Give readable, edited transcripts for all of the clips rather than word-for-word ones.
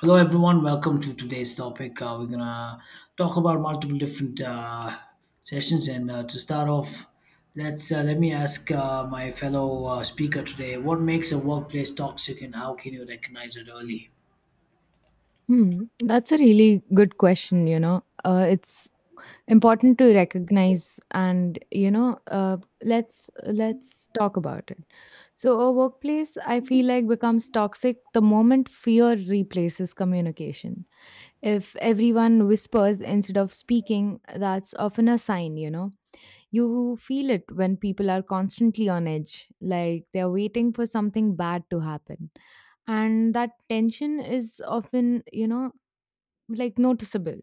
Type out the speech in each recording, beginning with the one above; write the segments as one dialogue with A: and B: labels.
A: Hello, everyone. Welcome to today's topic. We're gonna talk about multiple different sessions, and to start off, let me ask my fellow speaker today: What makes a workplace toxic, and how can you recognize it early?
B: That's a really good question. It's important to recognize and let's talk about it. So a workplace, I feel like, becomes toxic the moment fear replaces communication. If everyone whispers instead of speaking, that's often a sign, you know. You feel it when people are constantly on edge, like they're waiting for something bad to happen, and that tension is often like noticeable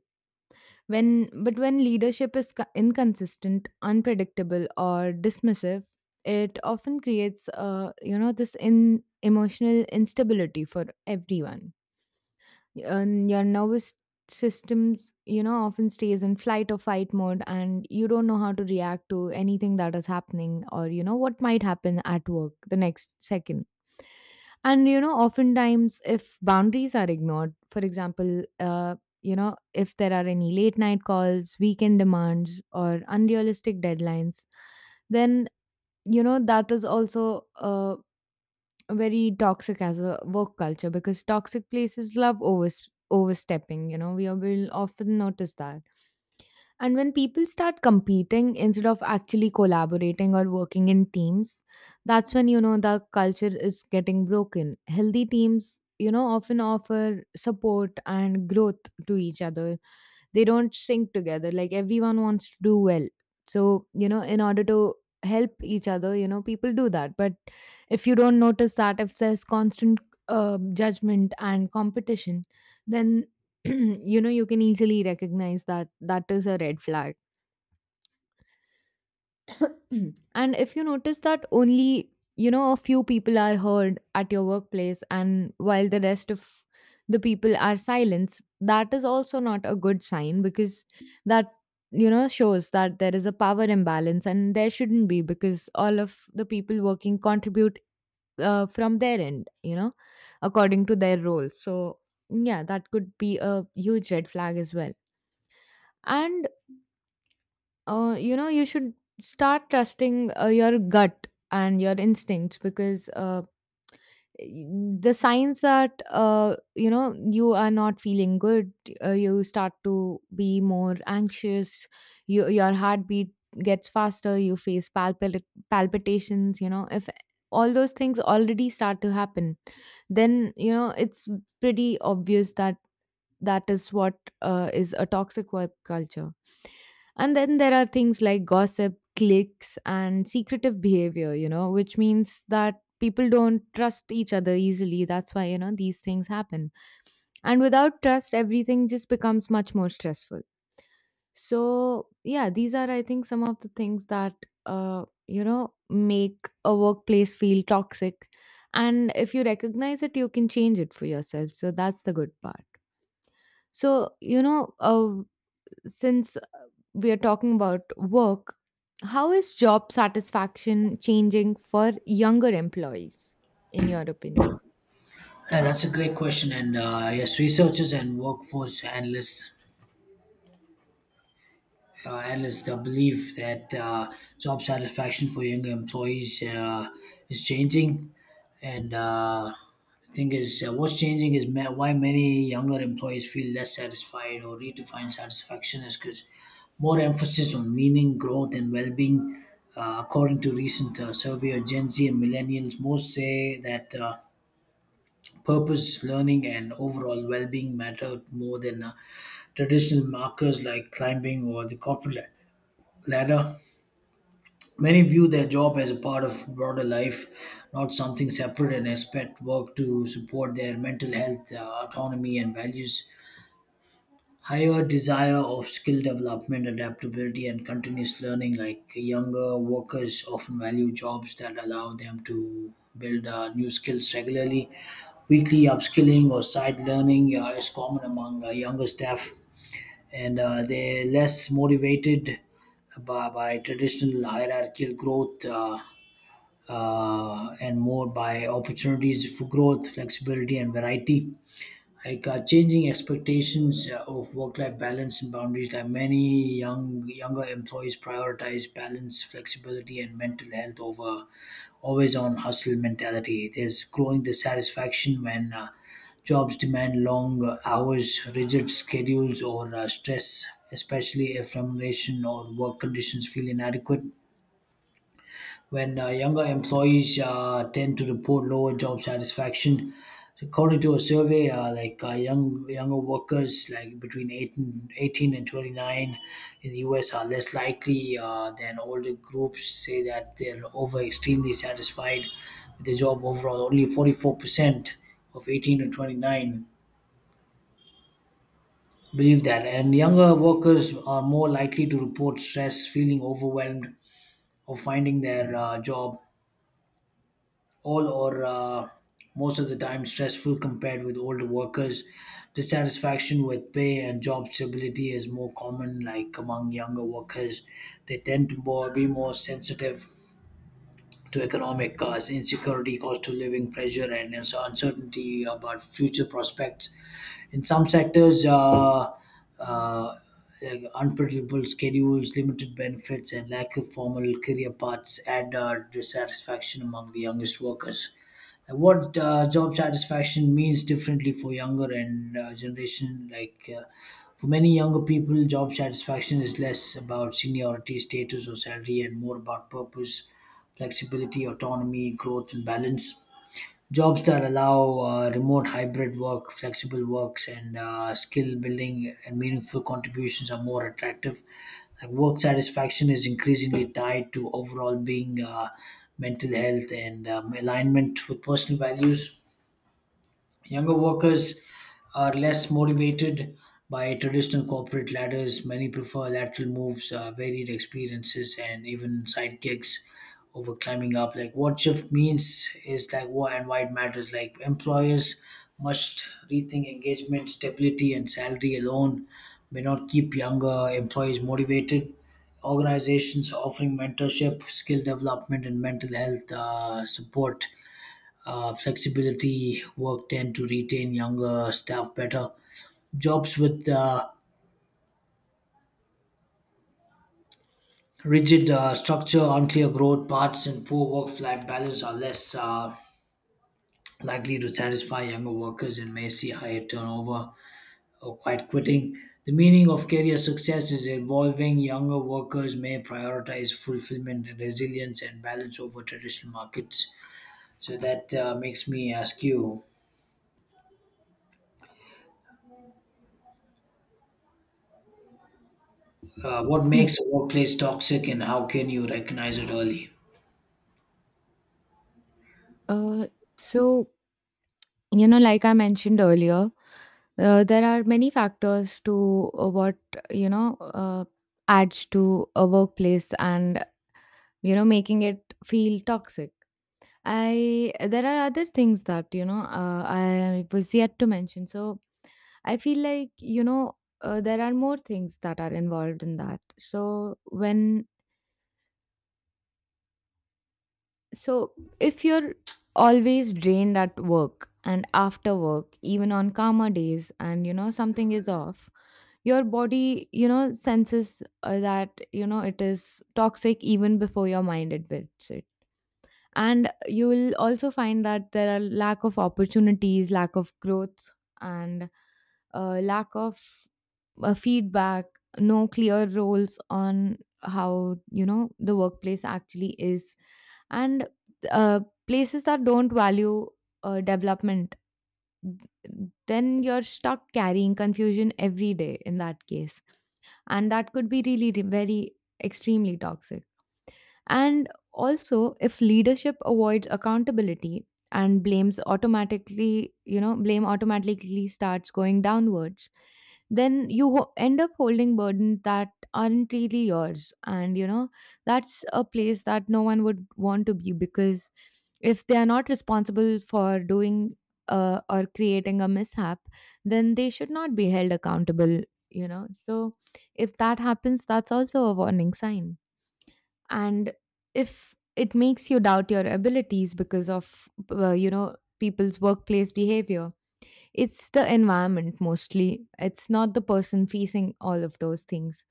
B: when but when leadership is inconsistent, unpredictable, or dismissive. It often creates this in emotional instability for everyone, and your nervous system often stays in flight or fight mode, and you don't know how to react to anything that is happening or you know what might happen at work the next second. And oftentimes, if boundaries are ignored, for example, if there are any late night calls, weekend demands, or unrealistic deadlines, then that is also a very toxic as a work culture, because toxic places love overstepping. We will often notice that. And when people start competing instead of actually collaborating or working in teams, that's when the culture is getting broken. Healthy teams often offer support and growth to each other. They don't sync together, like everyone wants to do well. So in order to help each other, people do that. But if you don't notice that, if there's constant judgment and competition, then you can easily recognize that that is a red flag. Mhm. And if you notice that only, a few people are heard at your workplace, and while the rest of the people are silenced, that is also not a good sign, because that, shows that there is a power imbalance, and there shouldn't be, because all of the people working contribute from their end, according to their role. So, yeah, that could be a huge red flag as well. And you should start trusting your gut and your instincts, because the signs that you are not feeling good, you start to be more anxious. Your heartbeat gets faster. You face palpitations. If all those things already start to happen, then it's pretty obvious that that is what is a toxic work culture. And then there are things like gossip, cliques, and secretive behavior, which means that people don't trust each other easily. That's why these things happen, and without trust, everything just becomes much more stressful. So yeah, these are, I think, some of the things that make a workplace feel toxic. And if you recognize it, you can change it for yourself, so that's the good part. So since we are talking about work, how is job satisfaction changing for younger employees, in your opinion?
A: Yeah, that's a great question, and yes, researchers and workforce analysts believe that job satisfaction for younger employees is changing. And the thing is, what's changing why many younger employees feel less satisfied or redefine satisfaction is because more emphasis on meaning, growth, and well being. According to recent survey of Gen Z and millennials, most say that purpose, learning, and overall well being matter more than traditional markers like climbing or the corporate ladder. Many view their job as a part of broader life, not something separate, and expect work to support their mental health, autonomy, and values. Higher desire of skill development, adaptability, and continuous learning, like younger workers often value jobs that allow them to build new skills regularly. Weekly upskilling or side learning is common among younger staff and they're less motivated by traditional hierarchical growth and more by opportunities for growth, flexibility, and variety like changing expectations of work-life balance and boundaries. Like many younger employees prioritize balance, flexibility, and mental health over always-on hustle mentality. There's growing dissatisfaction when jobs demand long hours, rigid schedules, or stress, especially if remuneration or work conditions feel inadequate when younger employees tend to report lower job satisfaction. According to a survey, like younger workers, like between eight and 18 and 29 in the US, are less likely than older groups say that they're over extremely satisfied with their job overall. Only 44% of 18 to 29 believe that, and younger workers are more likely to report stress, feeling overwhelmed, or finding their job all or most of the time stressful compared with older workers. Dissatisfaction with pay and job stability is more common, like among younger workers. They tend be more sensitive to economic insecurity, cost of living pressure, and there's uncertainty about future prospects. In some sectors, uh, like unpredictable schedules, limited benefits, and lack of formal career paths add dissatisfaction among the youngest workers. Like, what job satisfaction means differently for younger and generation like for many younger people, job satisfaction is less about seniority status or salary and more about purpose, flexibility, autonomy, growth, and balance. Jobs that allow remote hybrid work, flexible works, and skill building and meaningful contributions are more attractive. Like work satisfaction is increasingly tied to overall being, mental health, and alignment with personal values. Younger workers are less motivated by traditional corporate ladders. Many prefer lateral moves, varied experiences, and even side gigs over climbing up. Like what shift means is like what and why it matters. Like employers must rethink engagement, stability, and salary alone may not keep younger employees motivated. Organizations offering mentorship, skill development, and mental health support, flexibility work tend to retain younger staff better. Jobs with rigid structure, unclear growth paths, and poor work-life balance are less likely to satisfy younger workers and may see higher turnover or quite quitting. The meaning of career success is evolving. Younger workers may prioritize fulfillment and resilience and balance over traditional markets. So that makes me ask you, what
B: Hmm.
A: makes a workplace toxic and how can you recognize it early?
B: Uh, so, like I mentioned earlier, there are many factors to what, you know, uh, adds to a workplace, and making it feel toxic. I there are other things that I was yet to mention. So I feel like there are more things that are involved in that. So if you're always drained at work and after work, even on calmer days, and something is off, your body senses that it is toxic even before your mind admits it. And you will also find that there are lack of opportunities, lack of growth, and lack of feedback, no clear roles on how the workplace actually is, and uh, places that don't value development. Then you're stuck carrying confusion every day in that case, and that could be really very extremely toxic. And also, if leadership avoids accountability and blames automatically, blame automatically starts going downwards, then you end up holding burdens that aren't really yours. And that's a place that no one would want to be, because if they are not responsible for doing or creating a mishap, then they should not be held accountable. So if that happens, that's also a warning sign. And if it makes you doubt your abilities because of people's workplace behavior, it's the environment mostly, it's not the person facing all of those things.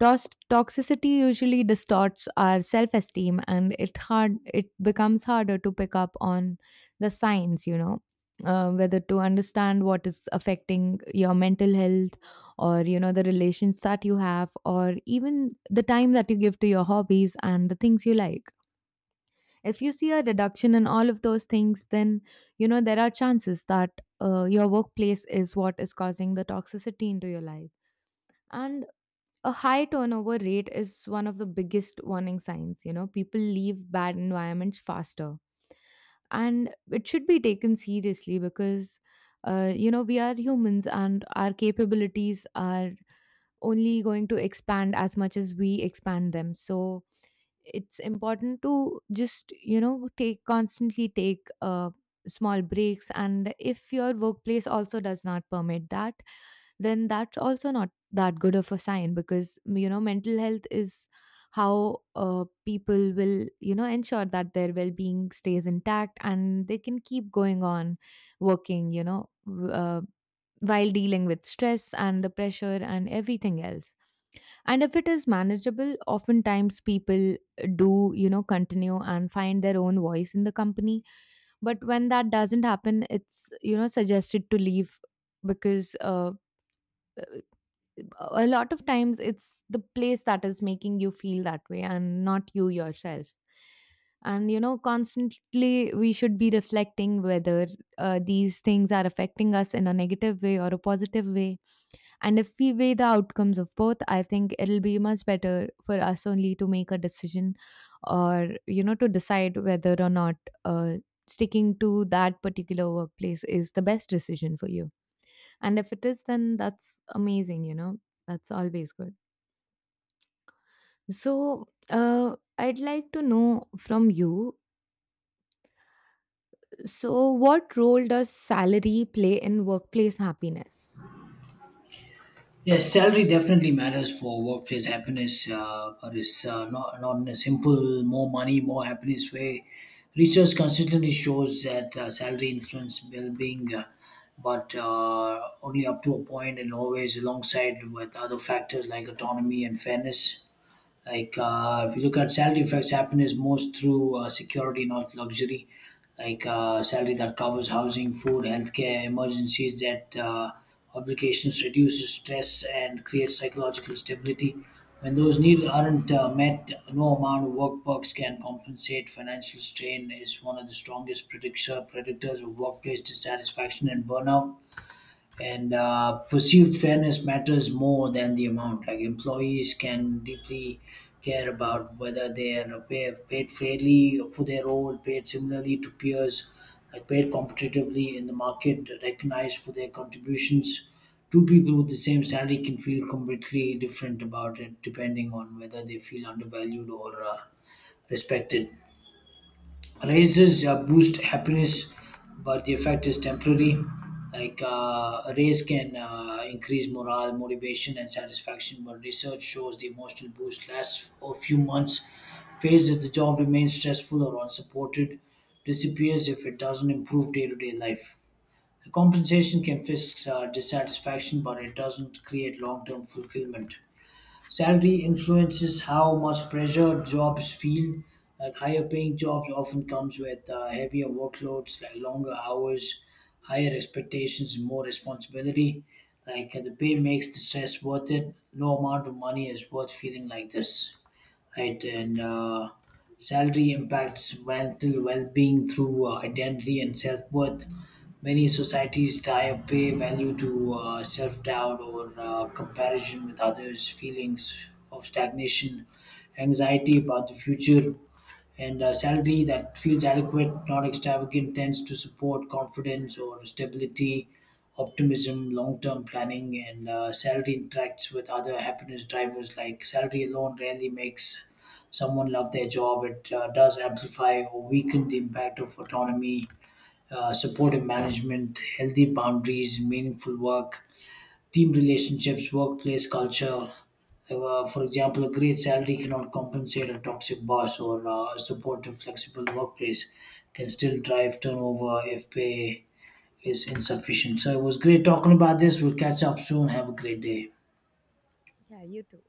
B: Toxicity usually distorts our self-esteem, and it becomes harder to pick up on the signs, whether to understand what is affecting your mental health, or the relations that you have, or even the time that you give to your hobbies and the things you like. If you see a reduction in all of those things, then there are chances that your workplace is what is causing the toxicity into your life. And a high turnover rate is one of the biggest warning signs. People leave bad environments faster, and it should be taken seriously, because we are humans, and our capabilities are only going to expand as much as we expand them. So it's important to just you know take constantly take small breaks. And if your workplace also does not permit that, then that's also not that good of a sign, because mental health is how people will ensure that their well-being stays intact and they can keep going on working, while dealing with stress and the pressure and everything else. And if it is manageable, oftentimes people do continue and find their own voice in the company. But when that doesn't happen, it's suggested to leave, because a lot of times it's the place that is making you feel that way and not you yourself. And constantly we should be reflecting whether these things are affecting us in a negative way or a positive way. And if we weigh the outcomes of both, I think it'll be much better for us only to make a decision, or to decide whether or not uh, sticking to that particular workplace is the best decision for you. And if it is, then that's amazing, that's always good. So, I'd like to know from you. So, what role does salary play in workplace happiness?
A: Yes, salary definitely matters for workplace happiness, but it's not in a simple more money, more happiness way. Research consistently shows that salary influence well being, but only up to a point and always alongside with other factors like autonomy and fairness. Like if you look at salary affects happiness most through security, not luxury. Like salary that covers housing, food, healthcare, emergencies, that obligations reduces stress and creates psychological stability. When those needs aren't met, no amount of work perks can compensate. Financial strain is one of the strongest predictors of workplace dissatisfaction and burnout, and perceived fairness matters more than the amount. Like employees can deeply care about whether they are paid fairly for their role, paid similarly to peers, like paid competitively in the market, recognized for their contributions. Two people with the same salary can feel completely different about it, depending on whether they feel undervalued or respected. Races boost happiness but the effect is temporary, like a race can increase morale, motivation, and satisfaction, but research shows the emotional boost lasts a few months, fades if the job remains stressful or unsupported, disappears if it doesn't improve day-to-day life. The compensation can fix dissatisfaction but it doesn't create long-term fulfillment. Salary influences how much pressure jobs feel. Like higher paying jobs often comes with heavier workloads, like longer hours, higher expectations, and more responsibility. Like the pay makes the stress worth it. No amount of money is worth feeling like this, right? And salary impacts mental well-being through identity and self-worth. Many societies tie a pay value to self doubt or comparison with others, feelings of stagnation, anxiety about the future, and a salary that feels adequate, not extravagant, tends to support confidence or stability, optimism, long term planning, and salary interacts with other happiness drivers. Like salary alone rarely makes someone love their job, it does amplify or weaken the impact of autonomy, supportive management, healthy boundaries, meaningful work, team relationships, workplace culture. For example, a great salary cannot compensate a toxic boss, or a supportive, flexible workplace can still drive turnover if pay is insufficient. So it was great talking about this. We'll catch up soon. Have a great day.
B: Yeah, you too.